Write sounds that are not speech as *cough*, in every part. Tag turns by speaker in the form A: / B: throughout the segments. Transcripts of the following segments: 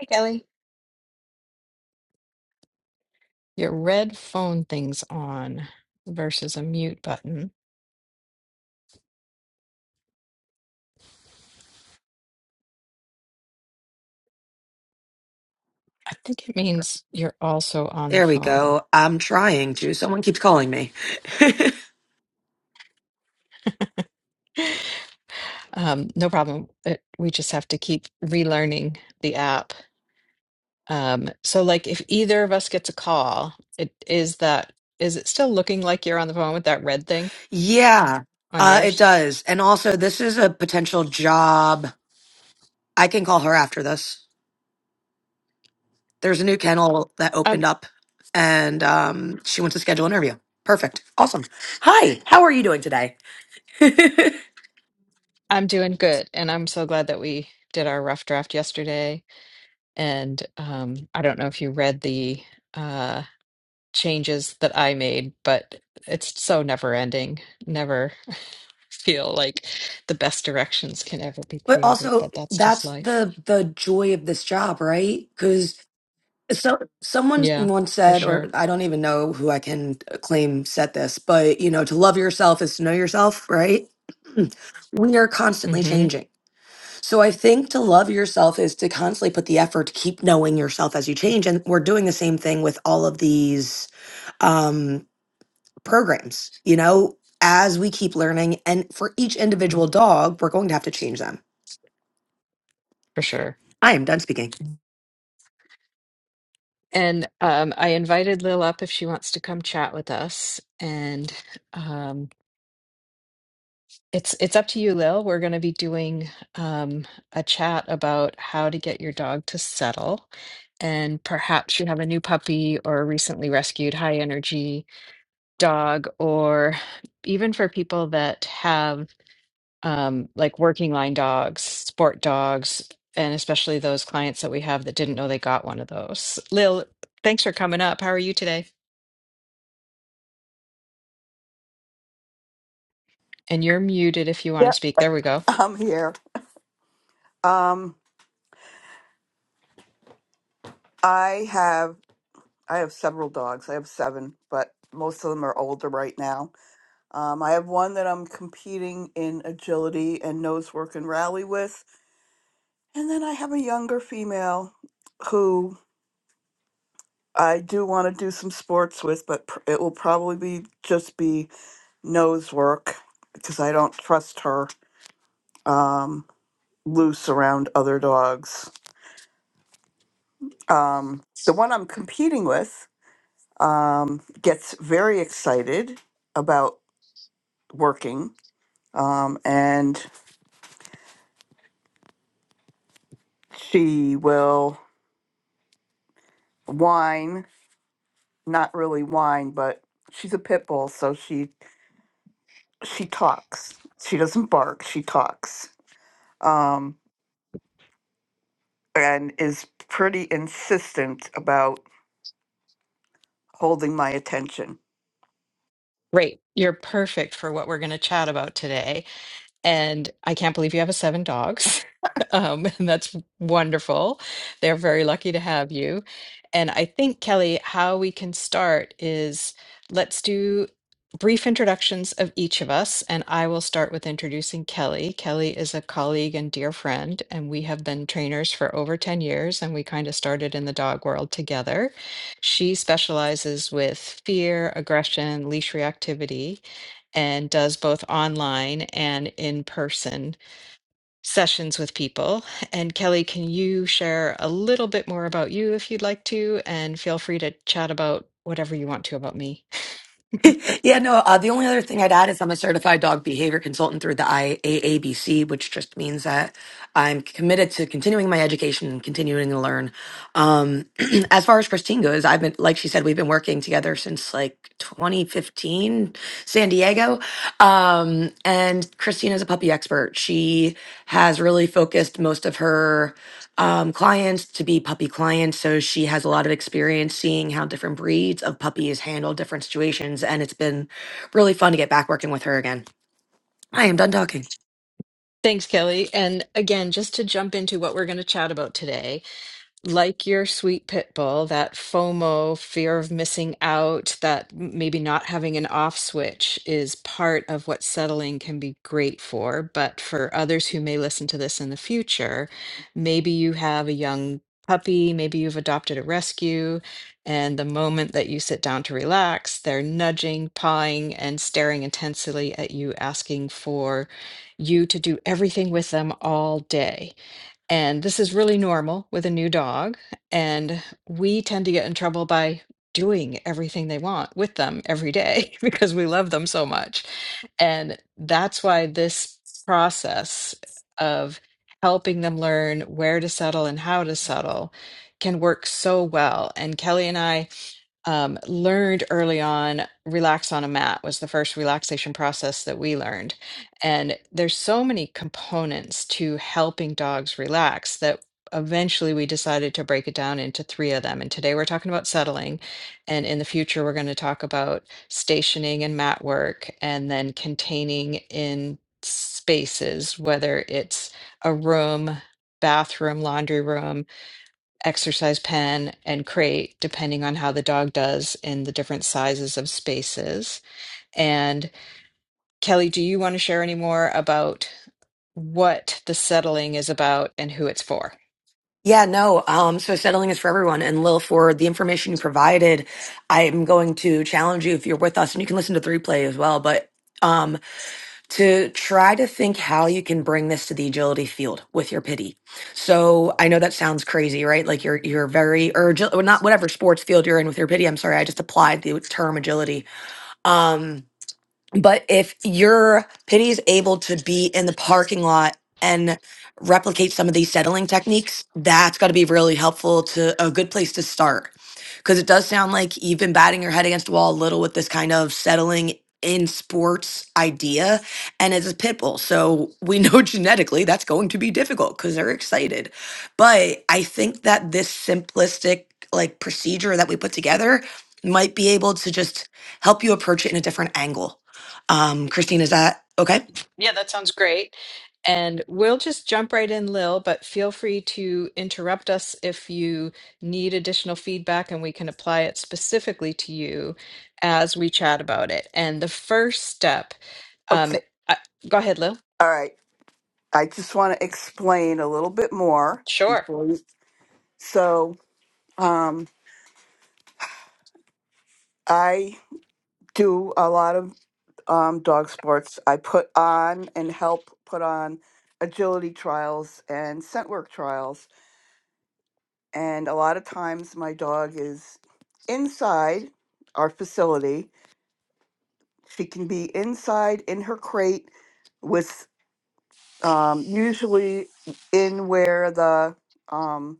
A: Hey, Kelly. Your red phone thing's on versus a mute button. I think it means you're also on the
B: There we
A: phone.
B: go. I'm trying to. Someone keeps calling me.
A: Um, no problem. It, we just have to keep relearning the app. Um, so, like, if either of us gets a call, it is that is it still looking like you're on the phone with that red thing
B: *laughs* yeah,
A: on
B: uh, it
A: yours?
B: does. And also, this is a potential job. I can call her after this. There's a new kennel that
A: I'm
B: opened up, and um, she wants to schedule an interview. Perfect. Awesome. Hi. How are you doing today? *laughs* but
A: I'm doing good, and I'm so glad that we did our rough draft yesterday. And um, I don't know if you read the. uh, changes that I made, but it's so never ending. Never *laughs* feel like the best directions can ever be created,
B: also,
A: but that's just
B: that's
A: life.
B: the the joy of this job, right? Because. So someone
A: Yeah,
B: once
A: for
B: said, or
A: sure.
B: I don't even know who I can claim said this, but you know, to love yourself is to know yourself, right? *clears throat* we are constantly
A: hmm
B: changing. So I think to love yourself is to constantly put the effort to keep knowing yourself as you change. And we're doing the same thing with all of these um, programs, you know, as we keep learning. And for each individual dog, we're going to have to change them.
A: for sure.
B: I am done speaking.
A: And um, I invited Lil up if she wants to come chat with us. And um, it's it's up to you, Lil. We're going to be doing um, a chat about how to get your dog to settle. And perhaps you have a new puppy or recently rescued high energy dog or even for people that have um, like working line dogs, sport dogs, and especially those clients that we have that didn't know they got one of those. Lil, thanks for coming up. How are you today? And you're muted if you want to
C: Yep,
A: speak. There we go.
C: *laughs* I'm here. Um, I have I have several dogs. I have seven, but most of them are older right now. Um, I have one that I'm competing in agility and nose work and rally with, and then I have a younger female who I do want to do some sports with, but pr- it will probably be just be nose work because I don't trust her um, loose around other dogs. Um, the one I'm competing with um, gets very excited about working um, and she will whine not really whine but she's a pit bull so she she talks she doesn't bark she talks um, and is pretty insistent about holding my attention
A: Great. You're perfect for what we're going to chat about today. And I can't believe you have a seven dogs. *laughs* Um, and that's wonderful. They're very lucky to have you. And I think, Kelly, how we can start is let's do brief introductions of each of us. And I will start with introducing Kelly. Kelly is a colleague and dear friend, and we have been trainers for over 10 years, and we kind of started in the dog world together. She specializes with fear, aggression, leash reactivity and does both online and in person sessions with people. And Kelly, can you share a little bit more about you if you'd like to? And feel free to chat about whatever you want to about me. *laughs*
B: *laughs* yeah, no. Uh, the only other thing I'd add is I'm a certified dog behavior consultant through the IAABC, which just means that I'm committed to continuing my education and continuing to learn. Um, *clears throat* as far as Christine goes, I've been, like she said, we've been working together since like 2015, San Diego. Um, and Christine is a puppy expert. She has really focused most of her um, clients to be puppy clients. So she has a lot of experience seeing how different breeds of puppies handle different situations. And it's been really fun to get back working with her again. I am done talking.
A: Thanks, Kelly. And again, just to jump into what we're going to chat about today, like your sweet pit bull, that FOMO, fear of missing out, that m- maybe not having an off switch is part of what settling can be great for. But for others who may listen to this in the future, maybe you have a young puppy, maybe you've adopted a rescue, and the moment that you sit down to relax, they're nudging, pawing, and staring intensely at you, asking for you to do everything with them all day. And this is really normal with a new dog. And we tend to get in trouble by doing everything they want with them every day *laughs* because we love them so much. And that's why this process of helping them learn where to settle and how to settle can work so well. And Kelly and I um, learned early on relax on a mat was the first relaxation process that we learned and there's so many components to helping dogs relax that eventually we decided to break it down into three of them and today we're talking about settling and in the future we're going to talk about stationing and mat work and then containing in spaces whether it's a room bathroom laundry room exercise pen and crate, depending on how the dog does in the different sizes of spaces. And Kelly, do you want to share any more about what the settling is about and who it's for?
B: Yeah, no. Um, so settling is for everyone. And Lil, for the information you provided, I am going to challenge you if you're with us, and you can listen to the replay as well. But um, to try to think how you can bring this to the agility field with your pity. So I know that sounds crazy, right? Like you're you're very or agil- or not whatever sports field you're in with your pity. I'm sorry, I just applied the term agility. Um, but if your pity is able to be in the parking lot and replicate some of these settling techniques, that's got to be really helpful to a good place to start. Because it does sound like you've been batting your head against the wall a little with this kind of settling in sports idea. And it's a pit bull. So we know *laughs* genetically that's going to be difficult because they're excited. But I think that this simplistic like procedure that we put together might be able to just help you approach it in a different angle um, Christine, is that okay?
A: Yeah, that sounds great. And we'll just jump right in, Lil, but feel free to interrupt us if you need additional feedback and we can apply it specifically to you as we chat about it. And the first step, um,
C: okay
A: I, go ahead, Lil.
C: all right i just want to explain a little bit more
A: Sure.
C: before you so um, i do a lot of um, dog sports. I put on and help put on agility trials and scent work trials. And a lot of times my dog is inside our facility. She can be inside in her crate with um, usually in where the um,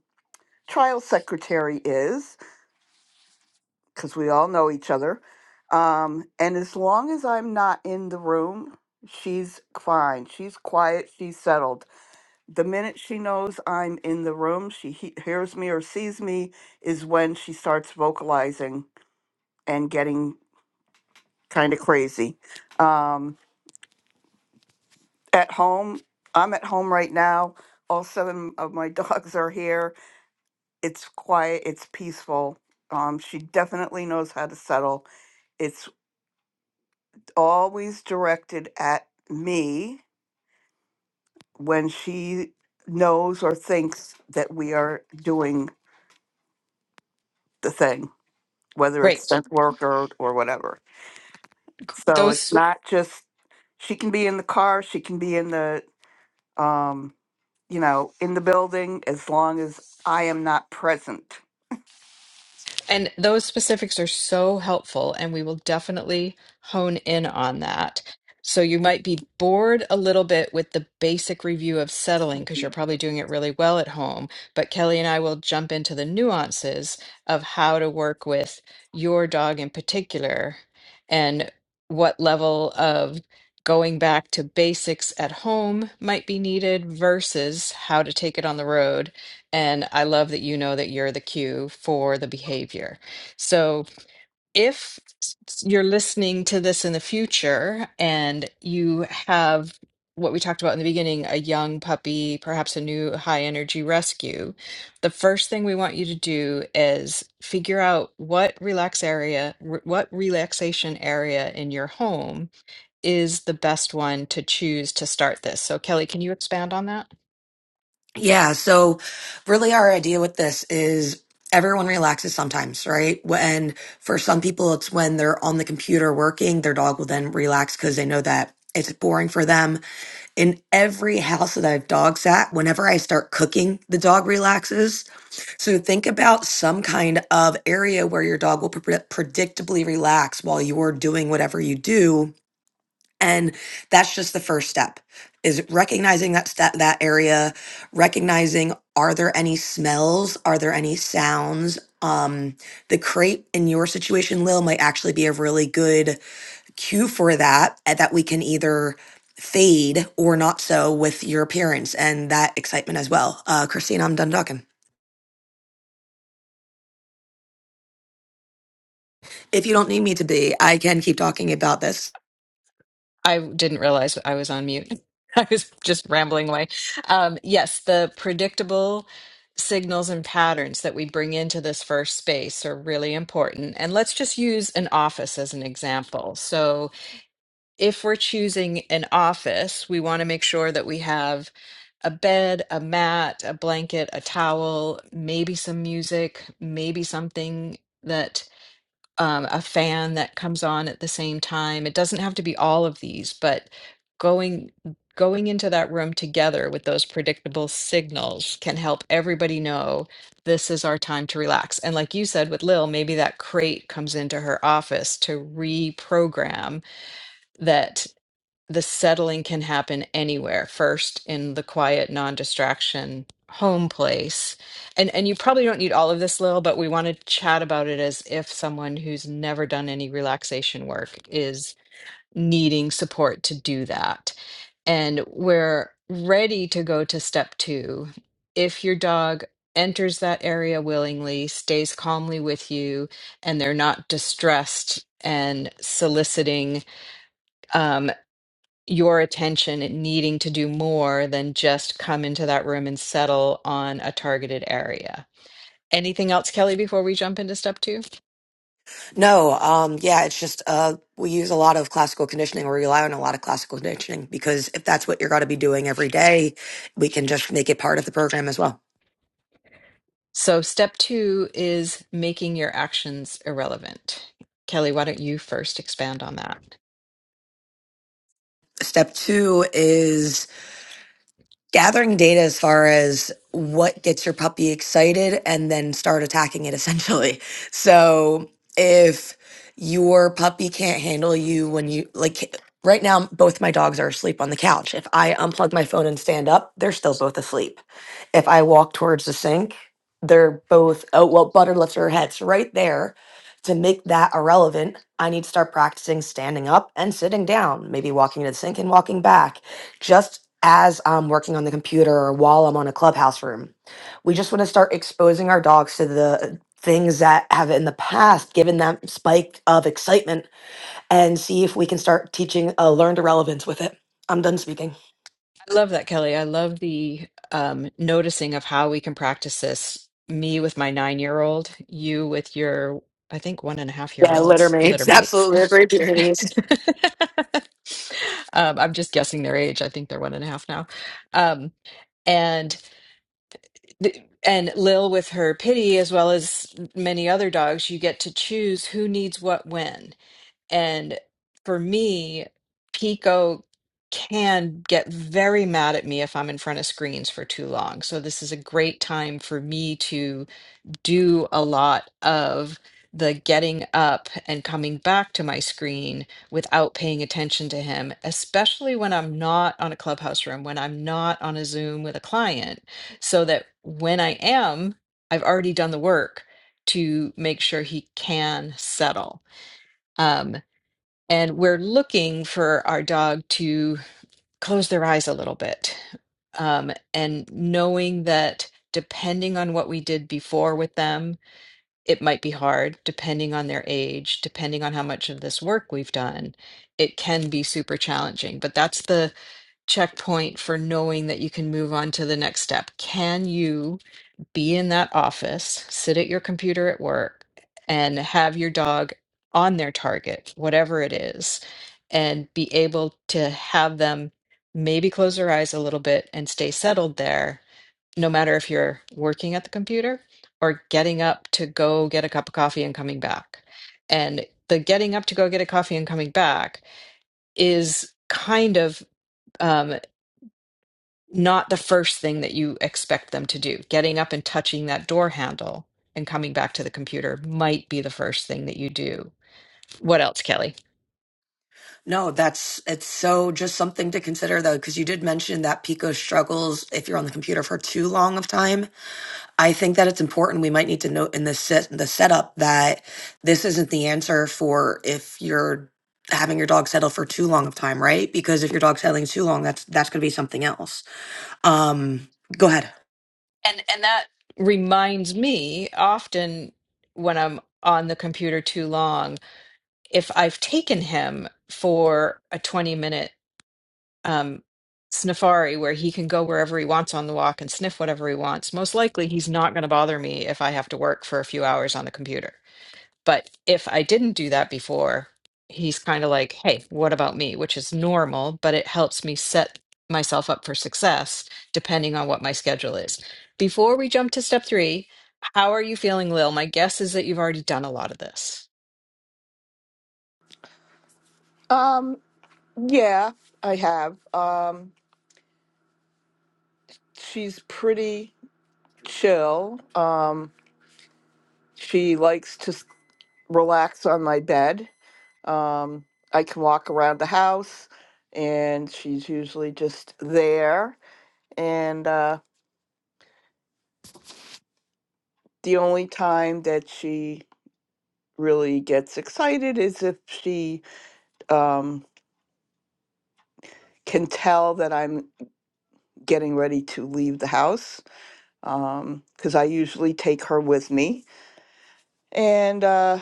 C: trial secretary is, because we all know each other. Um, and as long as I'm not in the room, she's fine. She's quiet. She's settled the minute she knows I'm in the room, she he- hears me or sees me, is when she starts vocalizing and getting kind of crazy. Um, at home, I'm at home right now. All seven of my *laughs* dogs are here. It's quiet, it's peaceful. Um, she definitely knows how to settle. It's always directed at me when she knows or thinks that we are doing the thing whether it's
A: Great.
C: scent work or, or whatever. So it's
A: Those
C: not just she can be in the car, she can be in the um, you know, in the building as long as I am not present.
A: and those specifics are so helpful, and we will definitely hone in on that. So you might be bored a little bit with the basic review of settling because you're probably doing it really well at home. But Kelly and I will jump into the nuances of how to work with your dog in particular and what level of going back to basics at home might be needed versus how to take it on the road And I love that you know that you're the cue for the behavior. So if s- you're listening to this in the future and you have what we talked about in the beginning, a young puppy, perhaps a new high energy rescue, the first thing we want you to do is figure out what relax area, r- what relaxation area in your home is the best one to choose to start this. So Kelly, can you expand on that?
B: Yeah. So, really, our idea with this is everyone relaxes sometimes, right? When for some people, it's when they're on the computer working, their dog will then relax because they know that it's boring for them. In every house that I've dog sat, whenever I start cooking, the dog relaxes. So, think about some kind of area where your dog will pre- predictably relax while you're doing whatever you do and that's just the first step is recognizing that step that area recognizing are there any smells are there any sounds um the crate in your situation lil might actually be a really good cue for that and that we can either fade or not so with your appearance and that excitement as well uh christine i'm done talking if you don't need me to be i can keep talking about this
A: I didn't realize I was on mute. *laughs* I was just rambling away. Um, yes, the predictable signals and patterns that we bring into this first space are really important. And let's just use an office as an example. So, if we're choosing an office, we want to make sure that we have a bed, a mat, a blanket, a towel, maybe some music, maybe something that um, a fan that comes on at the same time. It doesn't have to be all of these, but going going into that room together with those predictable signals can help everybody know this is our time to relax. And like you said with Lil, maybe that crate comes into her office to reprogram that the settling can happen anywhere first in the quiet non-distraction home place and and you probably don't need all of this lil but we want to chat about it as if someone who's never done any relaxation work is needing support to do that and we're ready to go to step two if your dog enters that area willingly stays calmly with you and they're not distressed and soliciting um your attention and needing to do more than just come into that room and settle on a targeted area. Anything else, Kelly, before we jump into step two?
B: No, um, yeah, it's just uh, we use a lot of classical conditioning or rely on a lot of classical conditioning because if that's what you're going to be doing every day, we can just make it part of the program as well.
A: So, step two is making your actions irrelevant. Kelly, why don't you first expand on that?
B: Step two is gathering data as far as what gets your puppy excited and then start attacking it essentially. *laughs* So if your puppy can't handle you when you like right now both my dogs are asleep on the couch. If I unplug my phone and stand up, they're still both asleep. If I walk towards the sink, they're both oh well butter lifts her head. So right there to make that irrelevant, I need to start practicing standing up and sitting down, maybe walking to the sink and walking back just as I'm working on the computer or while I'm on a clubhouse room. We just want to start exposing our dogs to the things that have in the past given them spike of excitement and see if we can start teaching a learned irrelevance with it. I'm done speaking.
A: I love that, Kelly. I love the um, noticing of how we can practice this. Me with my nine year old, you with your, I think, one and a half year
B: Yeah,
A: old
B: littermates. Absolutely. They're
A: littermates.
B: Great
A: *laughs*
B: communities.
A: um, I'm just guessing their age. I think they're one and a half now. Um, and th- and Lil with her pity, as well as many other dogs, you get to choose who needs what when. And for me, Pico can get very mad at me if I'm in front of screens for too long. So this is a great time for me to do a lot of the getting up and coming back to my screen without paying attention to him, especially when I'm not on a clubhouse room, when I'm not on a Zoom with a client, so that when I am, I've already done the work to make sure he can settle. Um, and we're looking for our dog to close their eyes a little bit. Um, and knowing that depending on what we did before with them, it might be hard, depending on their age, depending on how much of this work we've done, it can be super challenging. But that's the checkpoint for knowing that you can move on to the next step. Can you? be in that office, sit at your computer at work, and have your dog on their target, whatever it is, and be able to have them maybe close their eyes a little bit and stay settled there, no matter if you're working at the computer or getting up to go get a cup of coffee and coming back. And the getting up to go get a coffee and coming back is kind of. um, not the first thing that you expect them to do. Getting up and touching that door handle and coming back to the computer might be the first thing that you do. What else, Kelly?
B: No, that's it's so just something to consider though, because you did mention that Pico struggles if you're on the computer for too long of time. I think that it's important. We might need to note in the set, the setup that this isn't the answer for if you're having your dog settle for too long of time, right? Because if your dog's settling too long, that's that's going to be something else. Um, go ahead.
A: And and that reminds me often when I'm on the computer too long, if I've taken him for a 20 minute um, Sniffari, where he can go wherever he wants on the walk and sniff whatever he wants. Most likely, he's not going to bother me if I have to work for a few hours on the computer. But if I didn't do that before, he's kind of like, hey, what about me? Which is normal, but it helps me set myself up for success depending on what my schedule is. Before we jump to step three, how are you feeling, Lil? My guess is that you've already done a lot of this.
C: Um, yeah, I have. Um, she's pretty chill. Um, she likes to s- relax on my bed. Um, I can walk around the house, and she's usually just there. And uh, the only time that she really gets excited is if she um, can tell that I'm getting ready to leave the house, because I usually take her with me, and uh,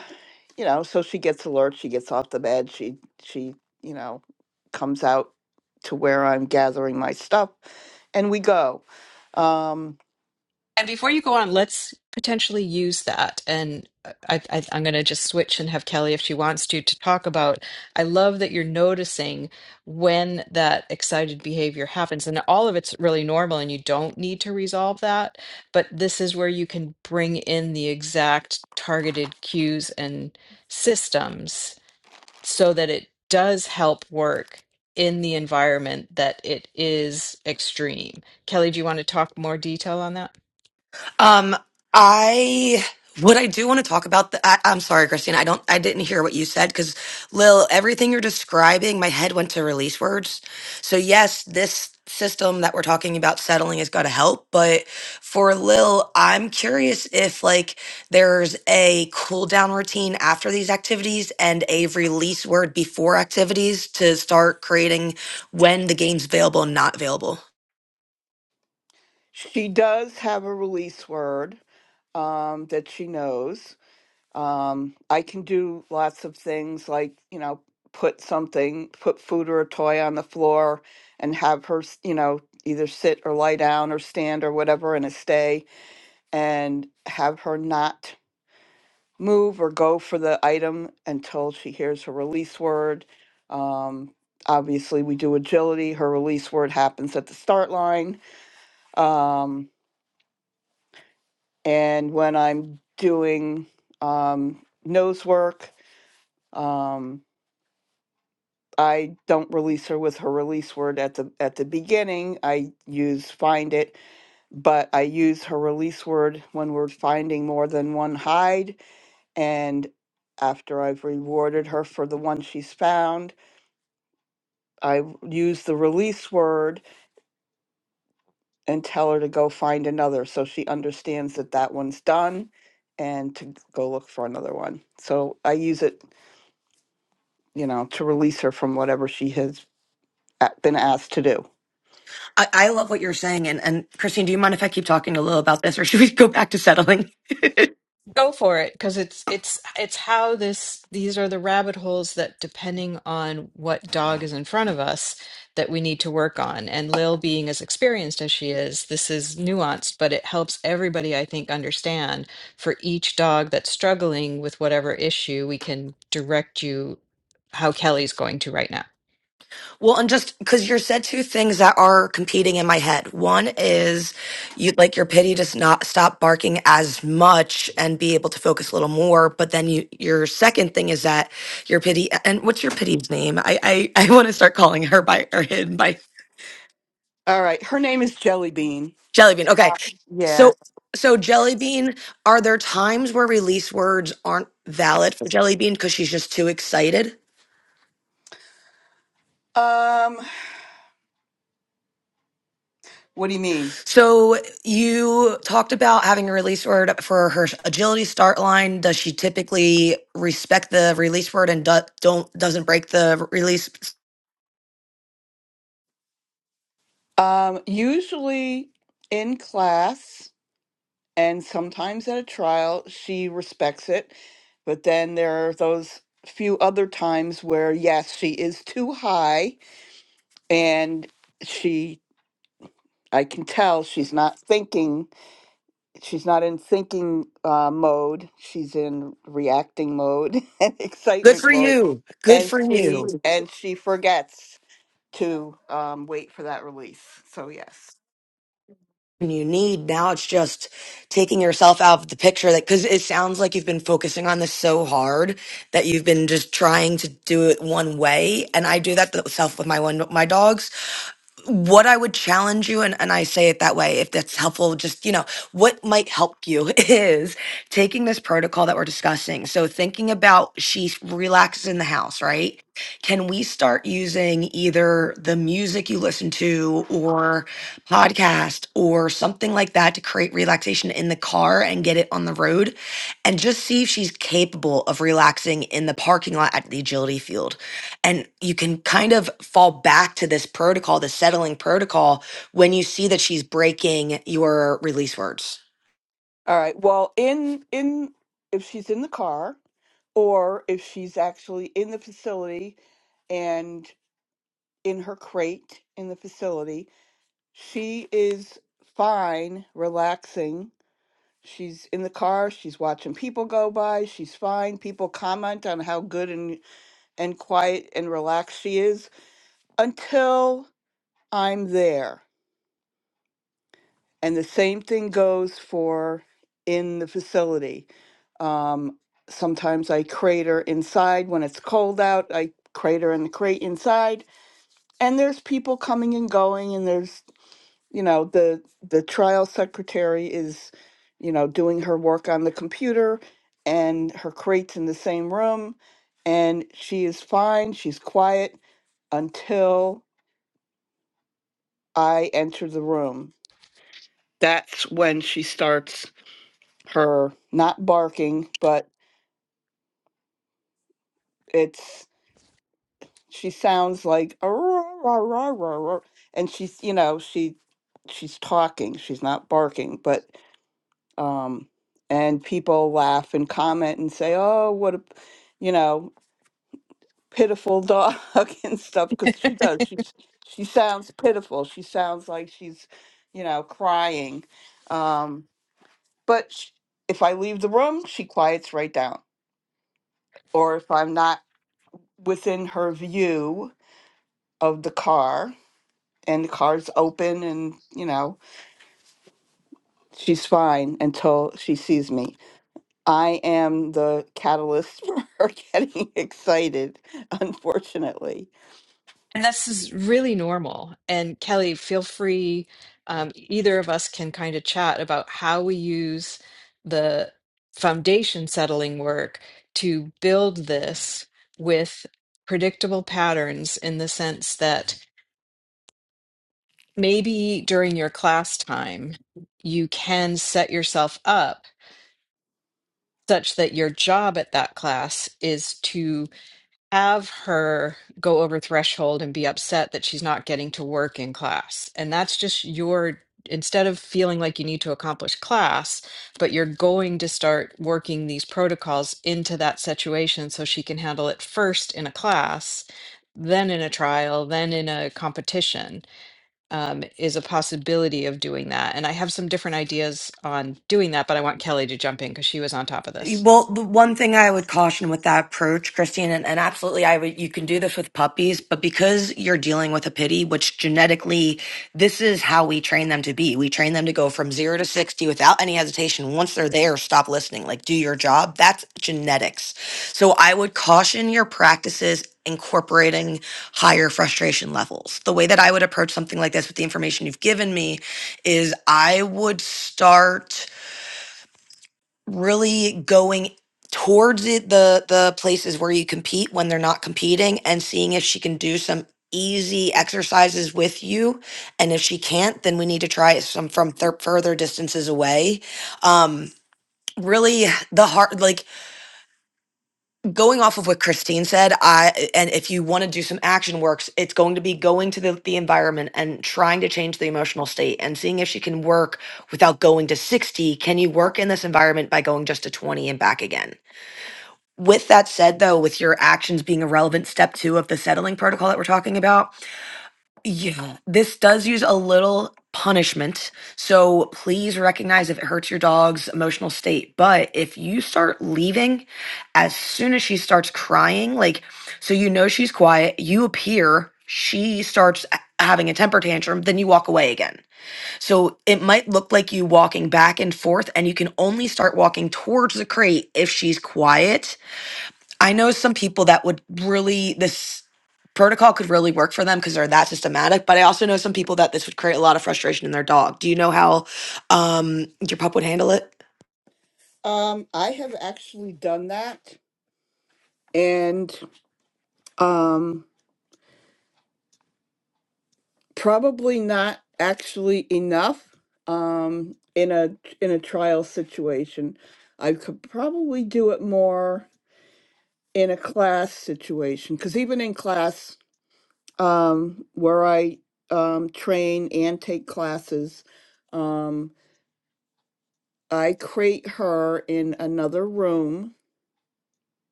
C: you know, so she gets alert. She gets off the bed. She she you know comes out to where I'm gathering my stuff, and we go. Um,
A: And before you go on, let's potentially use that. And I, I, I'm going to just switch and have Kelly, if she wants to, to talk about. I love that you're noticing when that excited behavior happens, and all of it's really normal, and you don't need to resolve that. But this is where you can bring in the exact targeted cues and systems so that it does help work in the environment that it is extreme. Kelly, do you want to talk more detail on that?
B: Um, I what I do want to talk about. The, I, I'm sorry, Christina. I don't. I didn't hear what you said because Lil, everything you're describing, my head went to release words. So yes, this system that we're talking about settling has got to help. But for Lil, I'm curious if like there's a cool down routine after these activities and a release word before activities to start creating when the game's available and not available.
C: she does have a release word um, that she knows. Um, I can do lots of things like, you know, put something, put food or a toy on the floor and have her, s- you know, either sit or lie down or stand or whatever in a stay and have her not move or go for the item until she hears her release word. Um, obviously, we do agility. Her release word happens at the start line. Um, and when I'm doing um, nose work, um, I don't release her with her release word at the at the beginning. I use find it, but I use her release word when we're finding more than one hide and after I've rewarded her for the one she's found, I w- use the release word and tell her to go find another so she understands that that one's done and to go look for another one. So I use it, you know, to release her from whatever she has a- been asked to do.
B: I, I love what you're saying. And, and Christine, do you mind if I keep talking a little about this or should we *laughs* go back to settling?
A: Go for it, because it's it's it's how this these are the rabbit holes that depending on what dog is in front of us that we need to work on. And Lil being as experienced as she is, this is nuanced, but it helps everybody, I think, understand for each dog that's struggling with whatever issue, we can direct you how Kelly's going to right now.
B: Well, and just because you said two things that are competing in my head. One is you like your pity to not stop barking as much and be able to focus a little more. But then you, your second thing is that your pity and what's your pity's name? I, I, *laughs* I want to start calling her by or him by
C: All right, her name is Jelly Bean.
B: Jellybean. Okay.
C: Yeah.
B: So, so Jellybean, are there times where release words aren't valid for Jellybean because she's just too excited?
C: Um, what do you mean?
B: So you talked about having a release word for her agility start line. Does she typically respect the release word and do, don't doesn't break the release?
C: Um, usually in class and sometimes at a trial, she respects it. But then there are those few other times where, yes, she is too high and she, I can tell she's not thinking. She's not in thinking uh, mode. She's in reacting mode *laughs* and
B: Good
C: excitement
B: for
C: mode.
B: you. Good
C: And
B: for
C: she,
B: you.
C: and she forgets. to um, wait for that release. So yes.
B: And You need now. It's just taking yourself out of the picture. That because it sounds like you've been focusing on this so hard that you've been just trying to do it one way. And I do that to self with my one my dogs what I would challenge you, and, and I say it that way, if that's helpful, just, you know, what might help you *laughs* is taking this protocol that we're discussing. So thinking about she relaxes in the house, right? Can we start using either the music you listen to or podcast or something like that to create relaxation in the car and get it on the road and just see if she's capable of relaxing in the parking lot at the agility field? And you can kind of fall back to this protocol, the settling protocol, when you see that she's breaking your release words
C: All right. Well, in in if she's in the car or if she's actually in the facility and in her crate in the facility, she is fine relaxing. She's in the car, she's watching people go by, she's fine. People comment on how good and and quiet and relaxed she is until I'm there. And the same thing goes for in the facility. Um, sometimes I crater inside when it's cold out. I crater in the crate inside, and there's people coming and going, and there's you know the the trial secretary is you know doing her work on the computer, and her crate's in the same room, and she is fine. She's quiet until I enter the room. That's when she starts her not barking, but it's she sounds like "Ah, rah, rah, rah, rah, rah," and she's you know she she's talking, she's not barking, but um and people laugh and comment and say, "Oh, what a you know pitiful dog" *laughs* and stuff because she does she she sounds pitiful. She sounds like she's you know crying, um, but sh if I leave the room, she quiets right down. Or if I'm not within her view of the car and the car's open and you know she's fine until she sees me i am the catalyst *laughs* for her getting excited unfortunately
A: And this is really normal. And Kelly, feel free, um, either of us can kind of chat about how we use the foundation settling work to build this with predictable patterns in the sense that maybe during your class time, you can set yourself up such that your job at that class is to. have her go over threshold and be upset that she's not getting to work in class. And that's just your, instead of feeling like you need to accomplish class, but you're going to start working these protocols into that situation so she can handle it first in a class, then in a trial, then in a competition um, is a possibility of doing that. And I have some different ideas on doing that, but I want Kelly to jump in because she was on top of this.
B: Well, the one thing I would caution with that approach, Christine, and, and absolutely, I would, you can do this with puppies, but because you're dealing with a pity, which genetically, this is how we train them to be. We train them to go from zero to 60 without any hesitation. Once they're there, stop listening, like do your job. That's genetics. So I would caution your practices incorporating higher frustration levels. The way that I would approach something like this with the information you've given me is I would start really going towards it, the the places where you compete when they're not competing and seeing if she can do some easy exercises with you and if she can't then we need to try some from thir- further distances away um really the hard like going off of what christine said i and if you want to do some action works it's going to be going to the, the environment and trying to change the emotional state and seeing if she can work without going to 60 can you work in this environment by going just to 20 and back again with that said, though, with your actions being a relevant step two of the settling protocol that we're talking about, yeah, this does use a little punishment. So please recognize if it hurts your dog's emotional state. But if you start leaving as soon as she starts crying, like, so you know she's quiet, you appear, she starts a- having a temper tantrum, then you walk away again. So it might look like you walking back and forth, and you can only start walking towards the crate if she's quiet I know some people that would really this protocol could really work for them because they're that systematic. But I also know some people that this would create a lot of frustration in their dog. Do you know how um, your pup would handle it?
C: um i have actually done that and um probably not actually enough um in a in a trial situation i could probably do it more in a class situation because even in class um, where I um, train and take classes. Um, I crate her in another room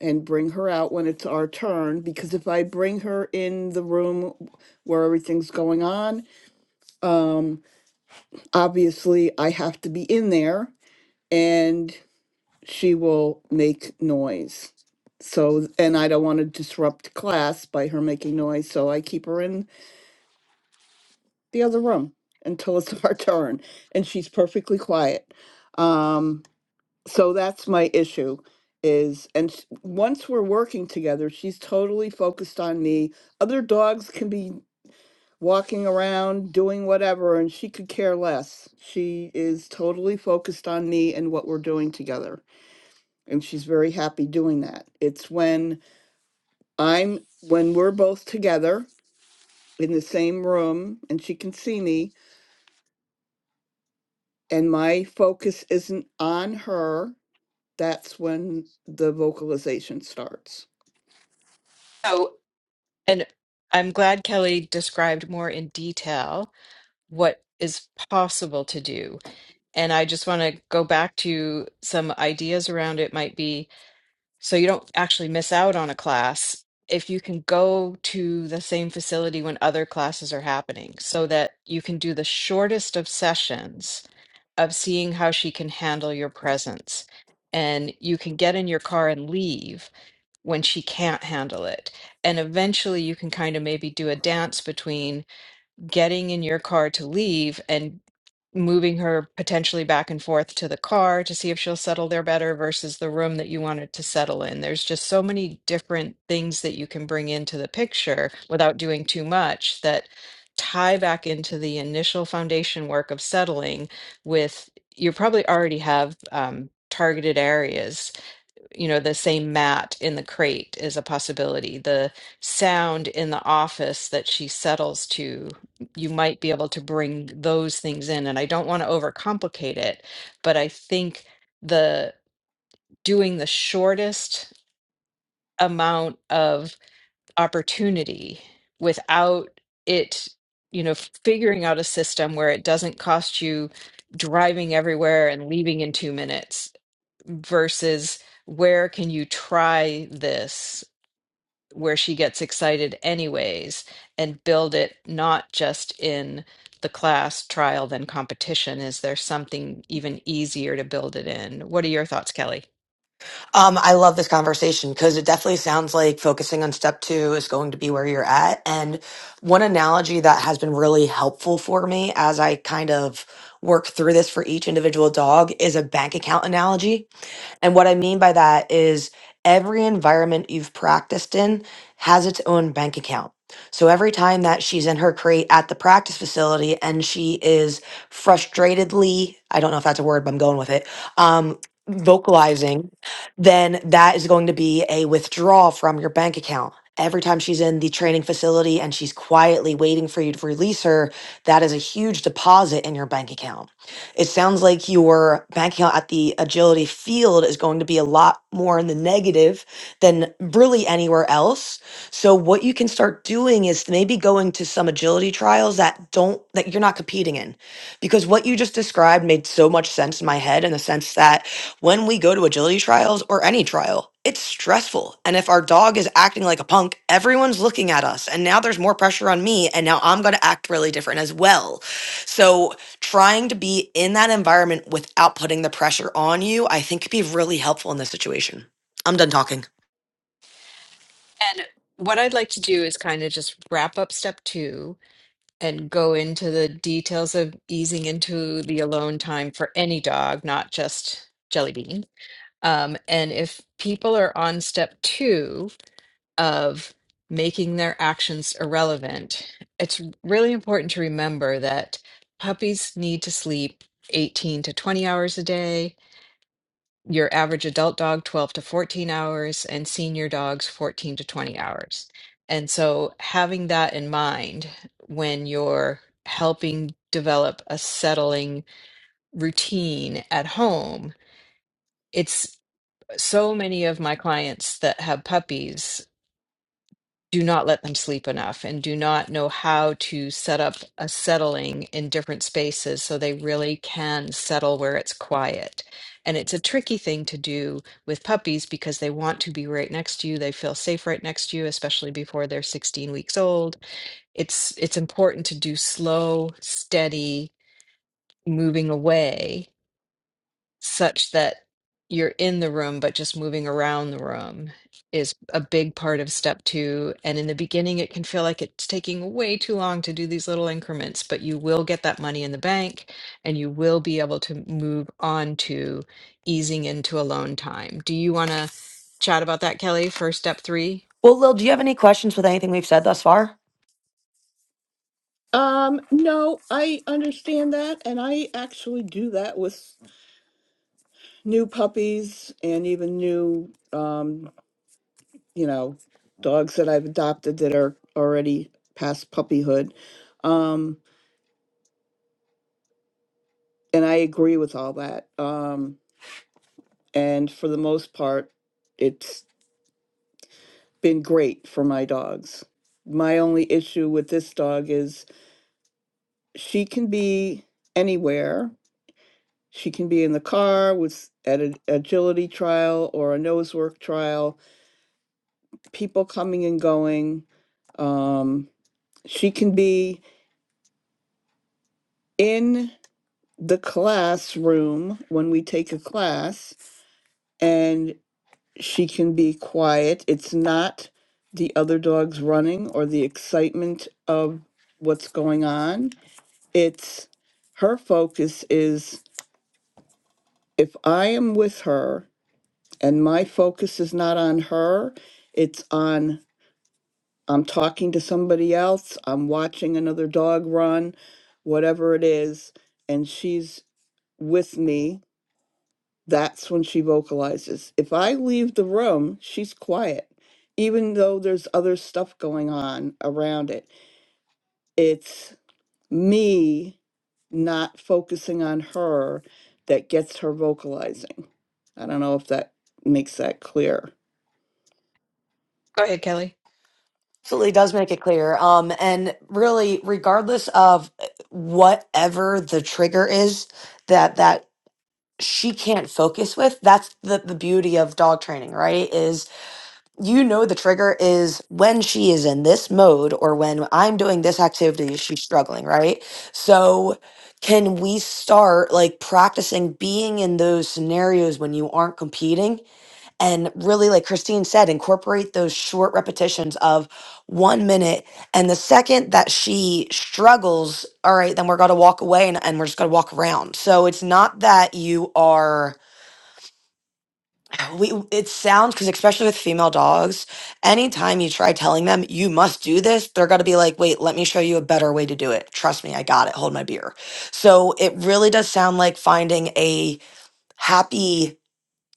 C: and bring her out when it's our turn because if I bring her in the room where everything's going on, um, obviously I have to be in there and she will make noise. So, and I don't want to disrupt class by her making noise, so I keep her in the other room until it's *laughs* our turn and she's perfectly quiet um so that's my issue is and s- once we're working together she's totally focused on me other dogs can be walking around doing whatever and she could care less she is totally focused on me and what we're doing together and she's very happy doing that it's when i'm when we're both together in the same room and she can see me and my focus isn't on her, that's when the vocalization starts.
A: So, and I'm glad Kelly described more in detail what is possible to do. And I just want to go back to some ideas around it might be so you don't actually miss out on a class if you can go to the same facility when other classes are happening so that you can do the shortest of sessions of seeing how she can handle your presence. And you can get in your car and leave when she can't handle it. And eventually you can kind of maybe do a dance between getting in your car to leave and moving her potentially back and forth to the car to see if she'll settle there better versus the room that you wanted to settle in. There's just so many different things that you can bring into the picture without doing too much that tie back into the initial foundation work of settling with you probably already have um, targeted areas you know, the same mat in the crate is a possibility. The sound in the office that she settles to, you might be able to bring those things in. And I don't want to overcomplicate it, but I think the doing the shortest amount of opportunity without it, you know, figuring out a system where it doesn't cost you driving everywhere and leaving in two minutes versus where can you try this where she gets excited anyways and build it not just in the class trial then competition is there something even easier to build it in what are your thoughts kelly
B: Um, I love this conversation because it definitely sounds like focusing on step two is going to be where you're at. And one analogy that has been really helpful for me as I kind of work through this for each individual dog is a bank account analogy And what I mean by that is every environment you've practiced in has its own bank account. So every time that she's in her crate at the practice facility and she is frustratedly, I don't know if that's a word, but I'm going with it, um, vocalizing, then that is going to be a withdrawal from your bank account. Every time she's in the training facility and she's quietly waiting for you to release her, that is a huge deposit in your bank account. It sounds like your bank account at the agility field is going to be a lot more in the negative than really anywhere else. So what you can start doing is maybe going to some agility trials that don't that you're not competing in. Because what you just described made so much sense in my head in the sense that when we go to agility trials or any trial, it's stressful. And if our dog is acting like a punk, everyone's looking at us. And now there's more pressure on me. And now I'm going to act really different as well. So trying to be in that environment without putting the pressure on you, I think could be really helpful in this situation. I'm done talking.
A: and what i'd like to do is kind of just wrap up step two and go into the details of easing into the alone time for any dog not just jelly bean um, and if people are on step two of making their actions irrelevant, it's really important to remember that puppies need to sleep 18 to 20 hours a day, your average adult dog 12 to 14 hours, and senior dogs 14 to 20 hours. And so having that in mind when you're helping develop a settling routine at home, it's so many of my clients that have puppies do not let them sleep enough and do not know how to set up a settling in different spaces so they really can settle where it's quiet. And it's a tricky thing to do with puppies because they want to be right next to you. They feel safe right next to you, especially before they're 16 weeks old. It's it's important to do slow, steady moving away such that you're in the room, but just moving around the room is a big part of step two. And in the beginning, it can feel like it's taking way too long to do these little increments, but you will get that money in the bank and you will be able to move on to easing into alone time. Do you want to chat about that, Kelly, for step three?
B: Well, Lil, do you have any questions with anything we've said thus far?
C: Um, no, I understand that, and I actually do that with new puppies and even new, um, you know, dogs that I've adopted that are already past puppyhood. Um, and I agree with all that. Um, and for the most part, it's been great for my dogs. My only issue with this dog is she can be anywhere. She can be in the car with at an agility trial or a nose work trial, people coming and going. Um, she can be in the classroom when we take a class, and she can be quiet. It's not the other dogs running or the excitement of what's going on. It's her focus is if I am with her and my focus is not on her it's on i'm talking to somebody else i'm watching another dog run whatever it is and she's with me that's when she vocalizes if i leave the room she's quiet even though there's other stuff going on around it it's me not focusing on her that gets her vocalizing i don't know if that makes that clear
A: Go ahead, Kelly.
B: Absolutely does make it clear. Um, and really, regardless of uh, whatever the trigger is that that she can't focus with, that's the, the beauty of dog training, right? Is you know the trigger is when she is in this mode or when I'm doing this activity, she's struggling, right? So can we start like practicing being in those scenarios when you aren't competing and really like Christine said incorporate those short repetitions of 1 minute and the second that she struggles all right then we're going to walk away and, and we're just going to walk around so it's not that you are we it sounds because especially with female dogs anytime you try telling them you must do this they're going to be like wait let me show you a better way to do it trust me i got it hold my beer so it really does sound like finding a happy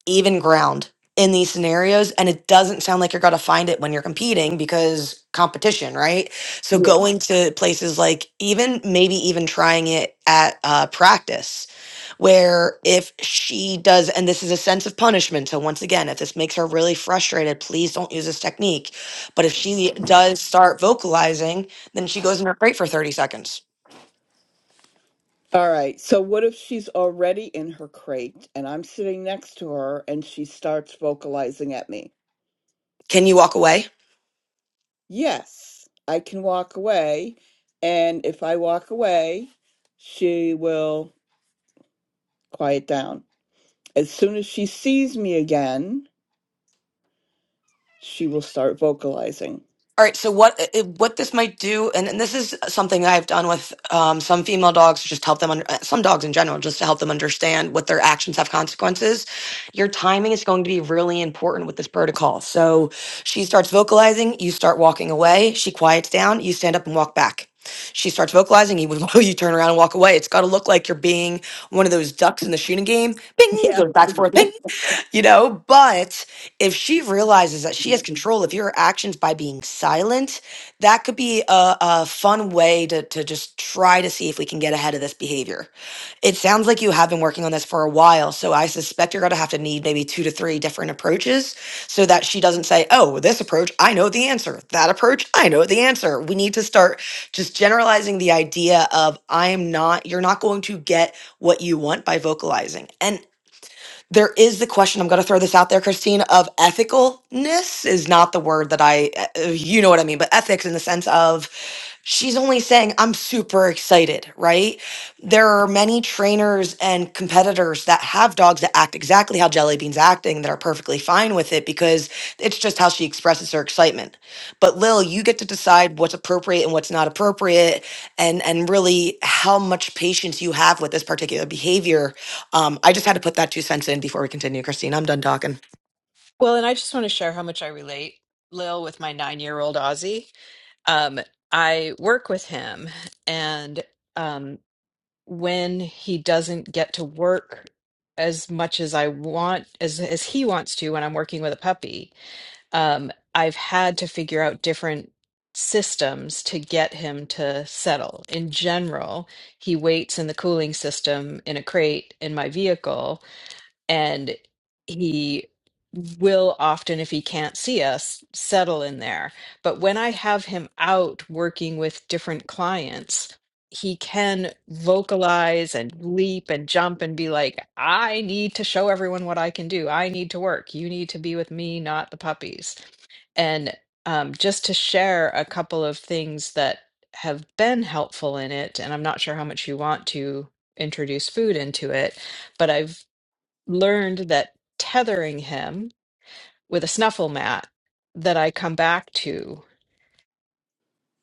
B: even ground in these scenarios and it doesn't sound like you're going to find it when you're competing because competition right so going to places like even maybe even trying it at uh, practice where if she does, and this is a sense of punishment. So, once again, if this makes her really frustrated, please don't use this technique. But if she does start vocalizing, then she goes in her crate for 30 seconds.
C: All right. So what if she's already in her crate and I'm sitting next to her and she starts vocalizing at me?
B: Can you walk away?
C: Yes, I can walk away. And if I walk away, she will quiet down. As soon as she sees me again, she will start vocalizing.
B: All right, so what it- what this might do, and, and this is something I've done with um, some female dogs, to just help them under uh, some dogs in general, just to help them understand what their actions have consequences. Your timing is going to be really important with this protocol. So she starts vocalizing, you start walking away. She quiets down, you stand up and walk back. She starts vocalizing, you *laughs* you turn around and walk away. It's got to look like you're being one of those ducks in the shooting game. Bing
C: Yeah.
B: goes back forth. *laughs* *laughs* you know but if she realizes that she has control of your actions by being silent that could be a, a fun way to, to just try to see if we can get ahead of this behavior it sounds like you have been working on this for a while so i suspect you're going to have to need maybe two to three different approaches so that she doesn't say oh this approach i know the answer that approach i know the answer we need to start just generalizing the idea of i'm not you're not going to get what you want by vocalizing. And there is the question i'm going to throw this out there christine of ethicalness is not the word that i uh, you know what i mean but ethics in the sense of she's only saying i'm super excited right there are many trainers and competitors that have dogs that act exactly how jelly beans acting that are perfectly fine with it because it's just how she expresses her excitement but lil you get to decide what's appropriate and what's not appropriate and and really how much patience you have with this particular behavior um, I just had to put that two cents in before we continue, Christine. I'm done talking.
A: Well, and I just want to share how much I relate, Lil, with my nine year old Aussie. Um, I work with him and when he doesn't get to work as much as I want as as he wants to when I'm working with a puppy. Um, I've had to figure out different systems to get him to settle. In general, he waits in the cooling system in a crate in my vehicle and he will often if he can't see us settle in there but when i have him out working with different clients he can vocalize and leap and jump and be like i need to show everyone what i can do i need to work you need to be with me not the puppies and um, just to share a couple of things that have been helpful in it and i'm not sure how much you want to introduce food into it but i've learned that tethering him with a snuffle mat that I come back to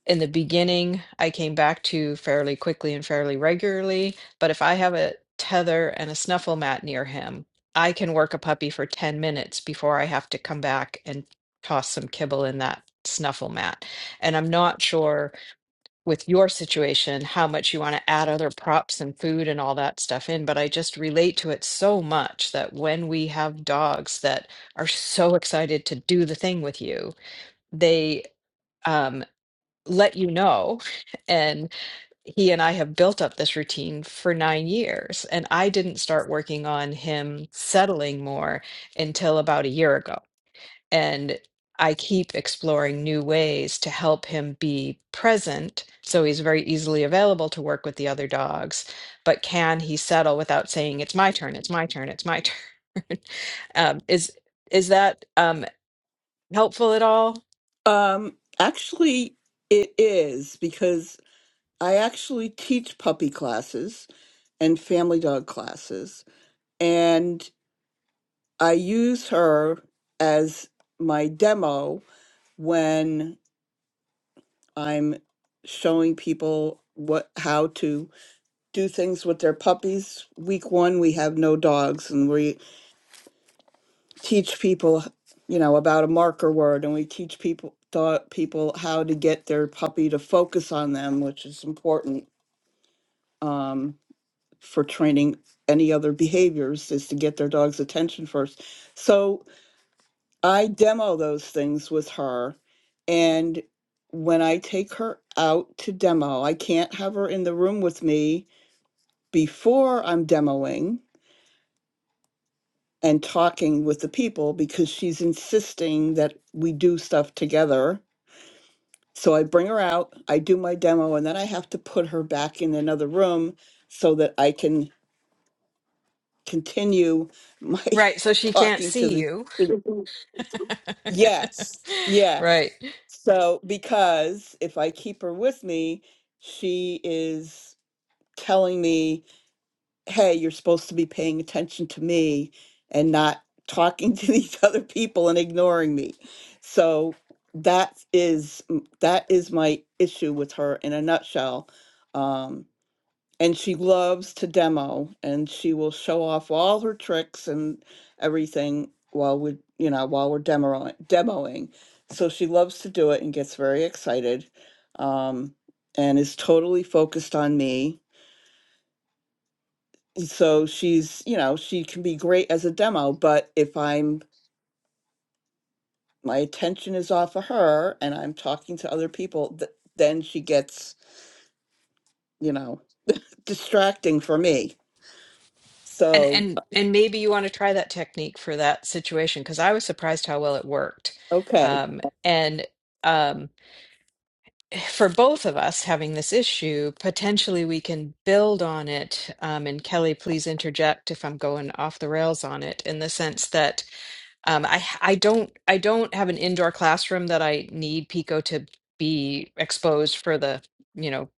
A: in the beginning, I came back to fairly quickly and fairly regularly. But if I have a tether and a snuffle mat near him, I can work a puppy for 10 minutes before I have to come back and toss some kibble in that snuffle mat. And I'm not sure with your situation how much you want to add other props and food and all that stuff in but i just relate to it so much that when we have dogs that are so excited to do the thing with you they um, let you know *laughs* and he and i have built up this routine for nine years and i didn't start working on him settling more until about a year ago and I keep exploring new ways to help him be present so he's very easily available to work with the other dogs. But can he settle without saying, it's my turn, it's my turn, it's my turn? *laughs* um, is is that um, helpful at all?
C: Um, actually, it is because I actually teach puppy classes and family dog classes. and. I use her as my demo when I'm showing people what how to do things with their puppies. Week 1 we have no dogs and we teach people, you know, about a marker word and we teach people thought people how to get their puppy to focus on them, which is important um, for training any other behaviors is to get their dog's attention first. So I demo those things with her. And when I take her out to demo, I can't have her in the room with me before I'm demoing and talking with the people because she's insisting that we do stuff together. So I bring her out, I do my demo, and then I have to put her back in another room so that I can continue my
A: Right, so
C: *laughs*
A: she can't
C: talking to
A: see
C: the
A: you.
C: to the
A: *laughs*
C: Yes,
A: Right.
C: yes. So, because if I keep her with me, she is telling me, hey, you're supposed to be paying attention to me and not talking to these *laughs* other people and ignoring me. So, that is mm, that is my issue with her in a nutshell. Um, and she loves to demo and she will show off all her tricks and everything while we you know while we're demoing demoing so she loves to do it and gets very excited um, and is totally focused on me so she's you know she can be great as a demo but if i'm my attention is off of her and i'm talking to other people th- then she gets you know distracting for me
A: And
C: so
A: and and maybe you want to try that technique for that situation because I was surprised how well it worked.
C: okay
A: Um, and um, for both of us having this issue, potentially we can build on it. Um, and Kelly, please interject if I'm going off the rails on it. In the sense that um, I I don't I don't have an indoor classroom that I need Pico to be exposed for the you know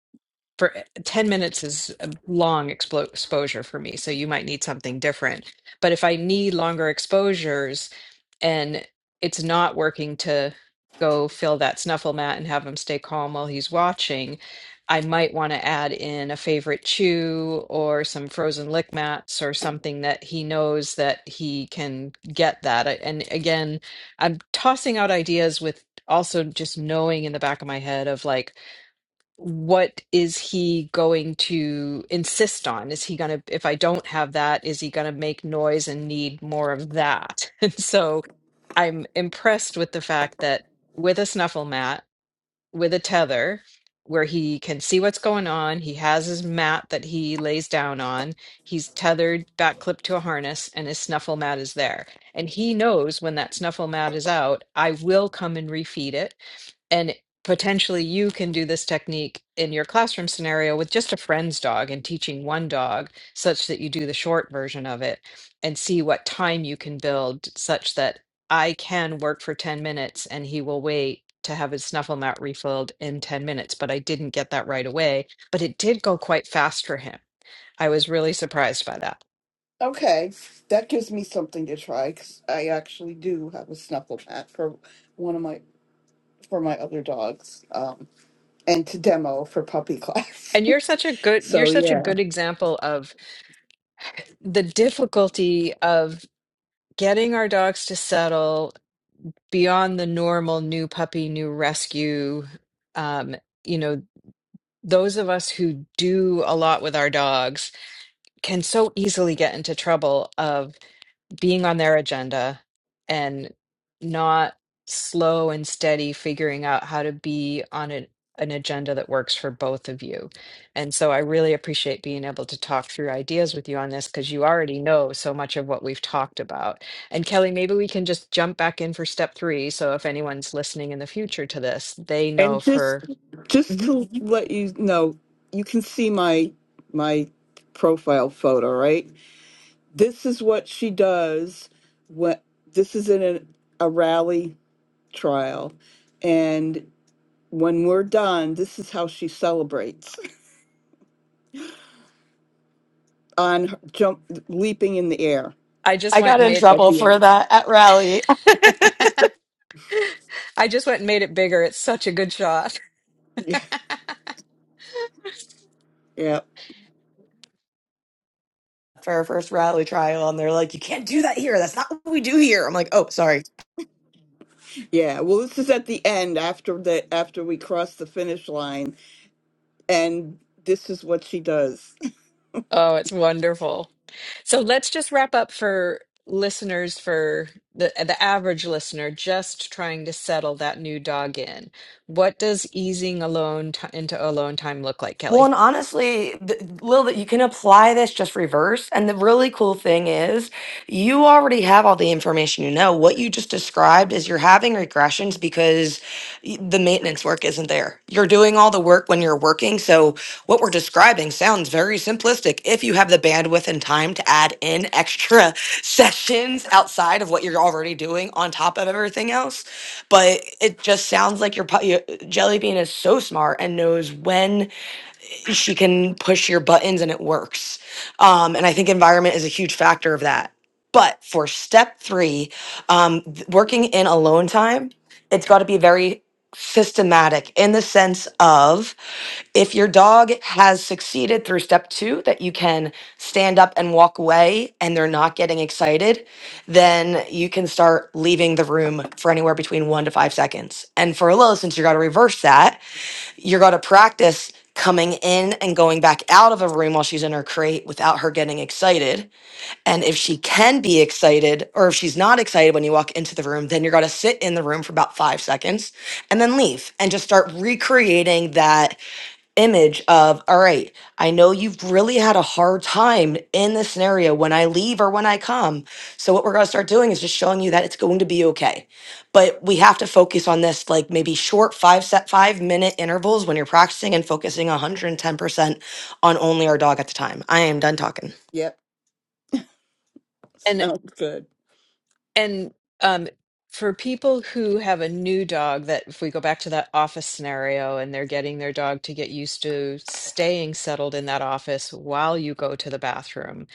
A: for eh, ten minutes is a long expo- exposure for me. So you might need something different. But if I need longer exposures and it's not working to go fill that snuffle mat and have him stay calm while he's watching, I might want to add in a favorite chew or some frozen lick mats or something that he knows that he can get that. I- And again, I'm tossing out ideas with also just knowing in the back of my head of like, what is he going to insist on? Is he going to, if I don't have that, is he going to make noise and need more of that? *laughs* And so, I'm impressed with the fact that with a snuffle mat, with a tether, where he can see what's going on, he has his mat that he lays down on, he's tethered back clipped to a harness, and his snuffle mat is there. And he knows when that snuffle mat is out, I will come and refeed it and potentially you can do this technique in your classroom scenario with just a friend's dog and teaching one dog such that you do the short version of it and see what time you can build such that I can work for 10 minutes and he will wait to have his snuffle mat refilled in 10 minutes. But I didn't get that right away, but it did go quite fast for him I was really surprised by that.
C: Okay, that gives me something to try because I actually do have a snuffle mat for one of my for my other dogs, um, and to demo for puppy class.
A: And you're such a
C: *laughs*
A: good you're
C: so
A: such a
C: yeah,
A: good example of the difficulty of getting our dogs to settle beyond the normal new puppy, new rescue. Um, you know, those of us who do a lot with our dogs can so easily get into trouble being on their agenda and not slow and steady figuring out how to be on an, an agenda that works for both of you. And so I really appreciate being able to talk through ideas with you on this because you already know so much of what we've talked about. And Kelly, maybe we can just jump back in for step three. So if anyone's listening in the future to this, they
C: and
A: know
C: just
A: for.
C: just
A: Mhm.
C: to let you know, you can see my my profile photo, right? This is what she does. When this is in a, a rally trial, and when we're done, this is how she celebrates. on jump leaping in the air
A: I just
B: I
A: went
B: got
A: and
B: in
A: made
C: at
B: trouble
C: the
B: for
C: end. *laughs*
B: that at rally
A: I just went and made it bigger. It's such a good shot.
C: Yeah,
B: *laughs* for our first rally trial, and they're like, "You can't do that here. That's not what we do here." I'm like, "Oh, sorry."
C: yeah, yeah. Well, this is at the end after the after we cross the finish line, and this is what she does. *laughs*
A: Oh, it's wonderful. So let's just wrap up for listeners for the the average listener just trying to settle that new dog in. What does easing alone t into alone time look like,
B: Well,
A: Kelly?
B: and honestly, th- Lil, that you can apply this just reverse. And the really cool thing is, you already have all the information you know. What you just described is you're having regressions because y- the maintenance work isn't there. You're doing all the work when you're working. So, what we're describing sounds very simplistic if you have the bandwidth and time to add in extra *laughs* sessions outside of what you're already doing on top of everything else. But it just sounds like your, your Jelly Bean is so smart and knows when she can push your buttons and it works. Um, and I think environment is a huge factor of that. But for step three, um, th- working in alone time, it's got to be very systematic in the sense of if your dog has succeeded through step two, that you can stand up and walk away and they're not getting excited, then you can start leaving the room for anywhere between one to five seconds. And for a little, since you got to reverse that, you're going to practice coming in and going back out of a room while she's in her crate without her getting excited. And if she can be excited, or if she's not excited when you walk into the room, then you're going to sit in the room for about five seconds and then leave and just start recreating that image of all right i know you've really had a hard time in this scenario when i leave or when i come so what we're going to start doing is just showing you that it's going to be okay but we have to focus on this like maybe short five set five minute intervals when you're practicing and focusing 110% on only our dog at the time i am done talking
C: Yep,
A: And
C: sounds good.
A: And um, for people who have a new dog, that if we go back to that office scenario and they're getting their dog to get used to staying settled in that office while you go to the bathroom,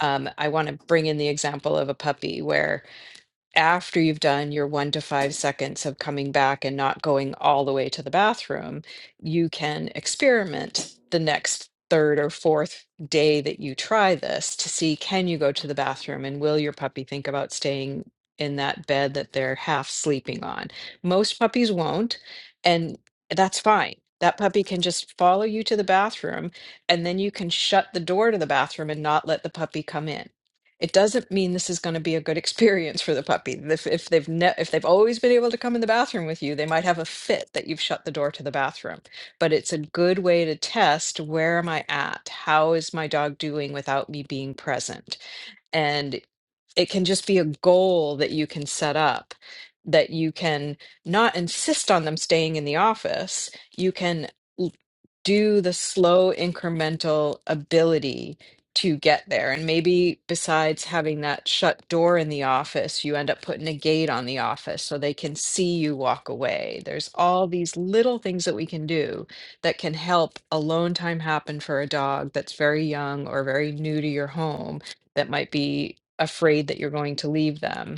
A: um, I want to bring in the example of a puppy where after you've done your one to five seconds of coming back and not going all the way to the bathroom, you can experiment the next third or fourth day that you try this to see can you go to the bathroom and will your puppy think about staying in that bed that they're half sleeping on. Most puppies won't, and that's fine. That puppy can just follow you to the bathroom, and then you can shut the door to the bathroom and not let the puppy come in it doesn't mean this is going to be a good experience for the puppy. If, if they've ne- if they've always been able to come in the bathroom with you, they might have a fit that you've shut the door to the bathroom. But it's a good way to test where am I at? How is my dog doing without me being present? And it can just be a goal that you can set up that you can not insist on them staying in the office you can l- do the slow incremental ability to get there and maybe besides having that shut door in the office you end up putting a gate on the office so they can see you walk away there's all these little things that we can do that can help alone time happen for a dog that's very young or very new to your home that might be afraid that you're going to leave them,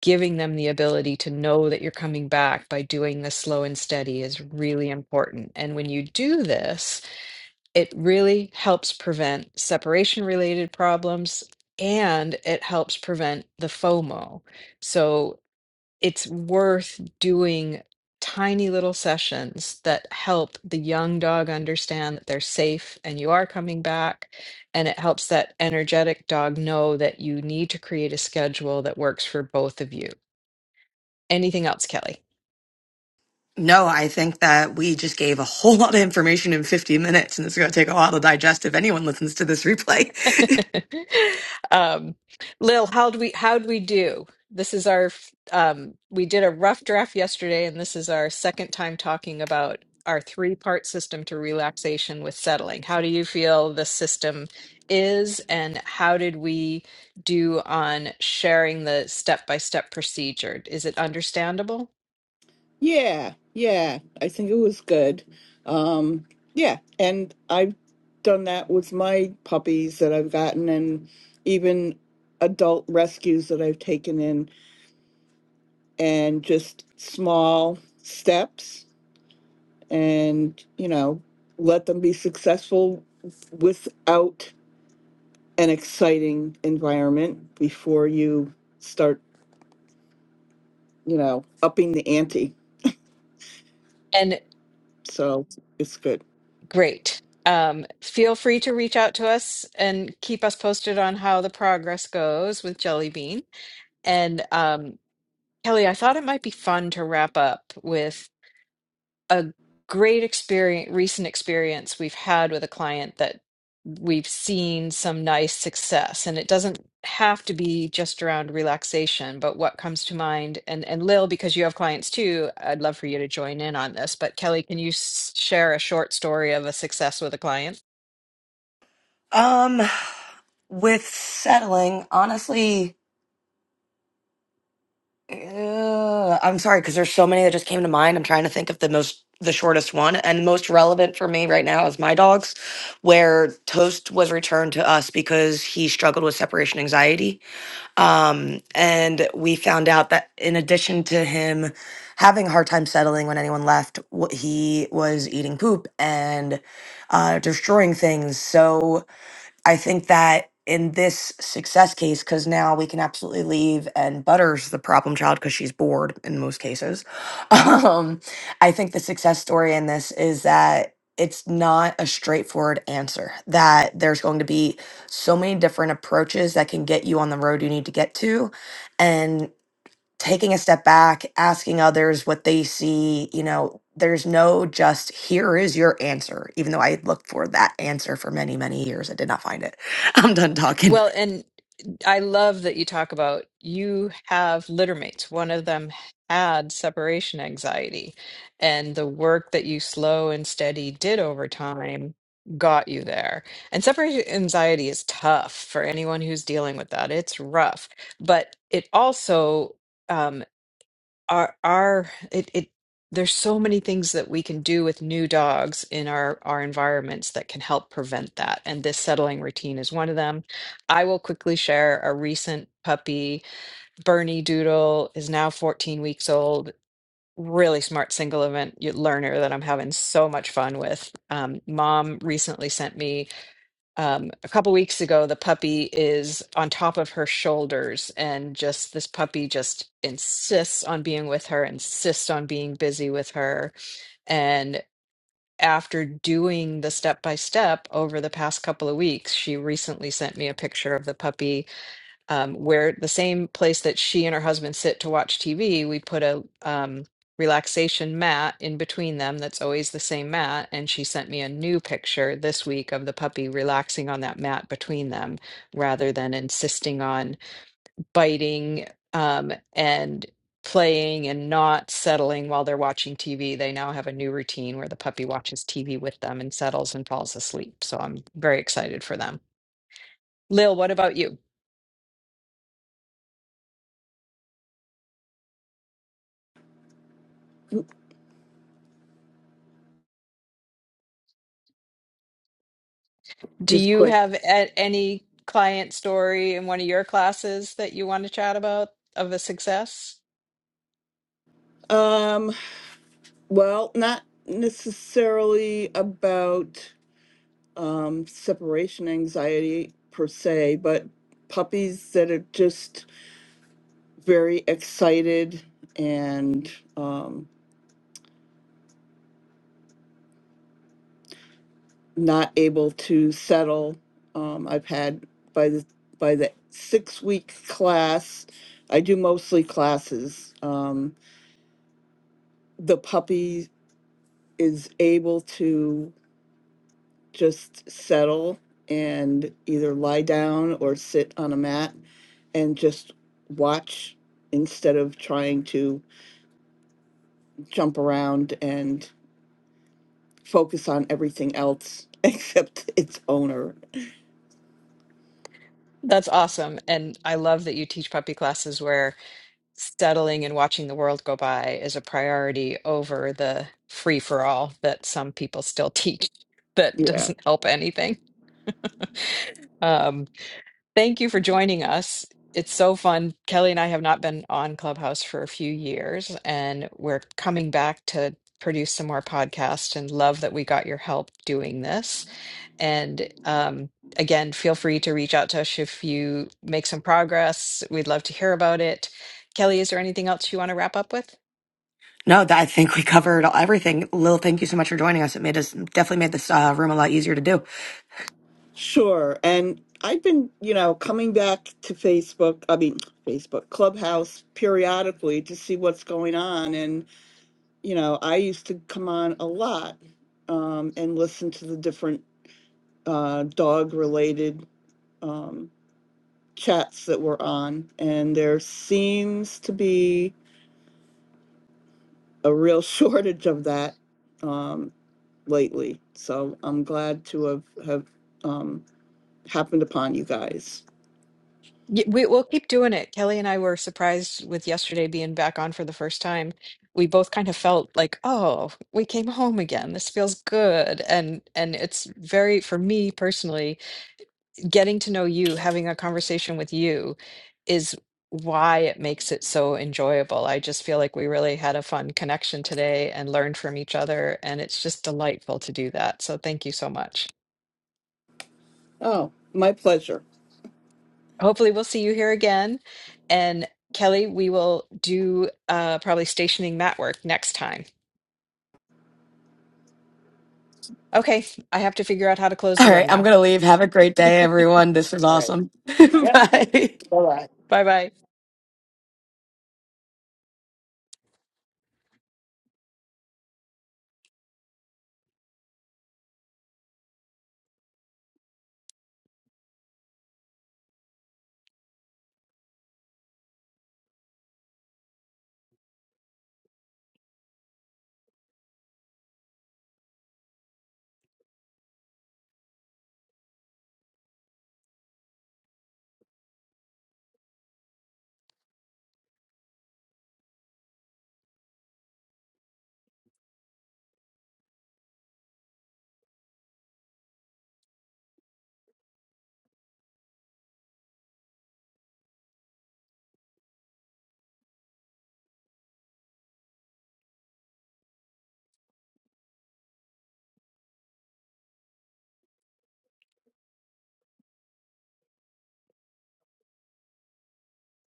A: giving them the ability to know that you're coming back by doing this slow and steady is really important. And when you do this, it really helps prevent separation related problems and it helps prevent the FOMO. So it's worth doing tiny little sessions that help the young dog understand that they're safe and you are coming back. And it helps that energetic dog know that you need to create a schedule that works for both of you. Anything else, Kelly?
B: No, I think that we just gave a whole lot of information in 50 minutes, and it's going to take a while to digest if anyone listens to this replay. *laughs*
A: *laughs* um, Lil, how do we how'd we do? This is our f- um, we did a rough draft yesterday, and this is our second time talking about our three part system to relaxation with settling. How do you feel the system is, and how did we do on sharing the step by step procedure? Is it understandable?
C: Yeah, yeah. I think it was good. Um, yeah, and I've done that with my puppies that I've gotten, and even adult rescues that I've taken in, and just small steps and you know let them be successful without an exciting environment before you start you know upping the ante
A: And
C: so it's good
A: Great. Um, feel free to reach out to us and keep us posted on how the progress goes with Jelly Bean. And um, Kelly, I thought it might be fun to wrap up with a great experience, recent experience we've had with a client that we've seen some nice success and it doesn't have to be just around relaxation but what comes to mind and and Lil because you have clients too I'd love for you to join in on this but Kelly can you s- share a short story of a success with a client
B: Um, with settling, honestly, uh, I'm sorry because there's so many that just came to mind. I'm trying to think of the most, the shortest one, and most relevant for me right now is my dog's, where Toast was returned to us because he struggled with separation anxiety. Um, and we found out that in addition to him having a hard time settling when anyone left, wh- he was eating poop and uh, destroying things. So I think that in this success case, because now we can absolutely leave and Butters the problem child because she's bored in most cases. *laughs* Um, I think the success story in this is that it's not a straightforward answer, that there's going to be so many different approaches that can get you on the road you need to get to. and taking a step back, asking others what they see, you know, there's no just here is your answer, even though I had looked for that answer for many, many years. I did not find it. *laughs* I'm done talking.
A: Well, and I love that you talk about you have littermates. One of them had separation anxiety, and the work that you slow and steady did over time got you there. And separation anxiety is tough for anyone who's dealing with that. It's rough, but it also. um, our our it it there's so many things that we can do with new dogs in our our environments that can help prevent that and this settling routine is one of them i will quickly share a recent puppy bernie doodle is now 14 weeks old really smart single event y- learner that i'm having so much fun with um, mom recently sent me um, a couple weeks ago, the puppy is on top of her shoulders, and just this puppy just insists on being with her, insists on being busy with her. And after doing the step by step over the past couple of weeks, she recently sent me a picture of the puppy um, where the same place that she and her husband sit to watch TV, we put a um, relaxation mat in between them that's always the same mat. And she sent me a new picture this week of the puppy relaxing on that mat between them rather than insisting on biting um, and playing and not settling while they're watching TV. They now have a new routine where the puppy watches TV with them and settles and falls asleep. So I'm very excited for them. Lil, what about you? Do
C: just
A: you
C: quick
A: have a- any client story in one of your classes that you want to chat about of a success?
C: um well not necessarily about um separation anxiety per se but puppies that are just very excited and um not able to settle. Um, I've had by the by the six week class. I do mostly classes. Um, the puppy is able to just settle and either lie down or sit on a mat and just watch instead of trying to jump around and focus on everything else *laughs* except its owner.
A: That's awesome. And I love that you teach puppy classes where settling and watching the world go by is a priority over the free for all that some people still *laughs* teach that
C: Yeah.
A: doesn't help anything. Um, Thank you for joining us. It's so fun. Kelly and I have not been on Clubhouse for a few years, and we're coming back to produce some more podcasts and love that we got your help doing this. And um, again, feel free to reach out to us if you make some progress. We'd love to hear about it. Kelly, is there anything else you want to wrap up with?
B: No, that, I think we covered all, everything. Lil, thank you so much for joining us. It made us definitely made this uh, room a lot easier to do. *laughs*
C: Sure. And I've been, you know, coming back to Facebook, I mean, Facebook, Clubhouse periodically to see what's going on. And, you know, I used to come on a lot um, and listen to the different uh, dog related um, chats that were on. And there seems to be a real *laughs* shortage of that um, lately. So I'm glad to have, have um, happened upon you guys.
A: Y- We, we'll keep doing it. Kelly and I were surprised with yesterday being back on for the first time. We both kind of felt like, oh, we came home again. This feels good. And and it's very, for me personally, getting to know you, having a conversation with you is why it makes it so enjoyable. I just feel like we really had a fun connection today and learned from each other, and it's just delightful to do that. So thank you so much.
C: Oh, my pleasure.
A: hopefully we'll see you here again. And Kelly, we will do uh, probably stationing mat work next time. Okay, I have to figure out how to close
B: All
A: the room
B: right, I'm
A: now.
B: going to leave. Have a great
A: *laughs*
B: day, everyone. This was awesome. *laughs*
C: Yep,
B: Bye.
C: bye-bye.
A: Bye bye.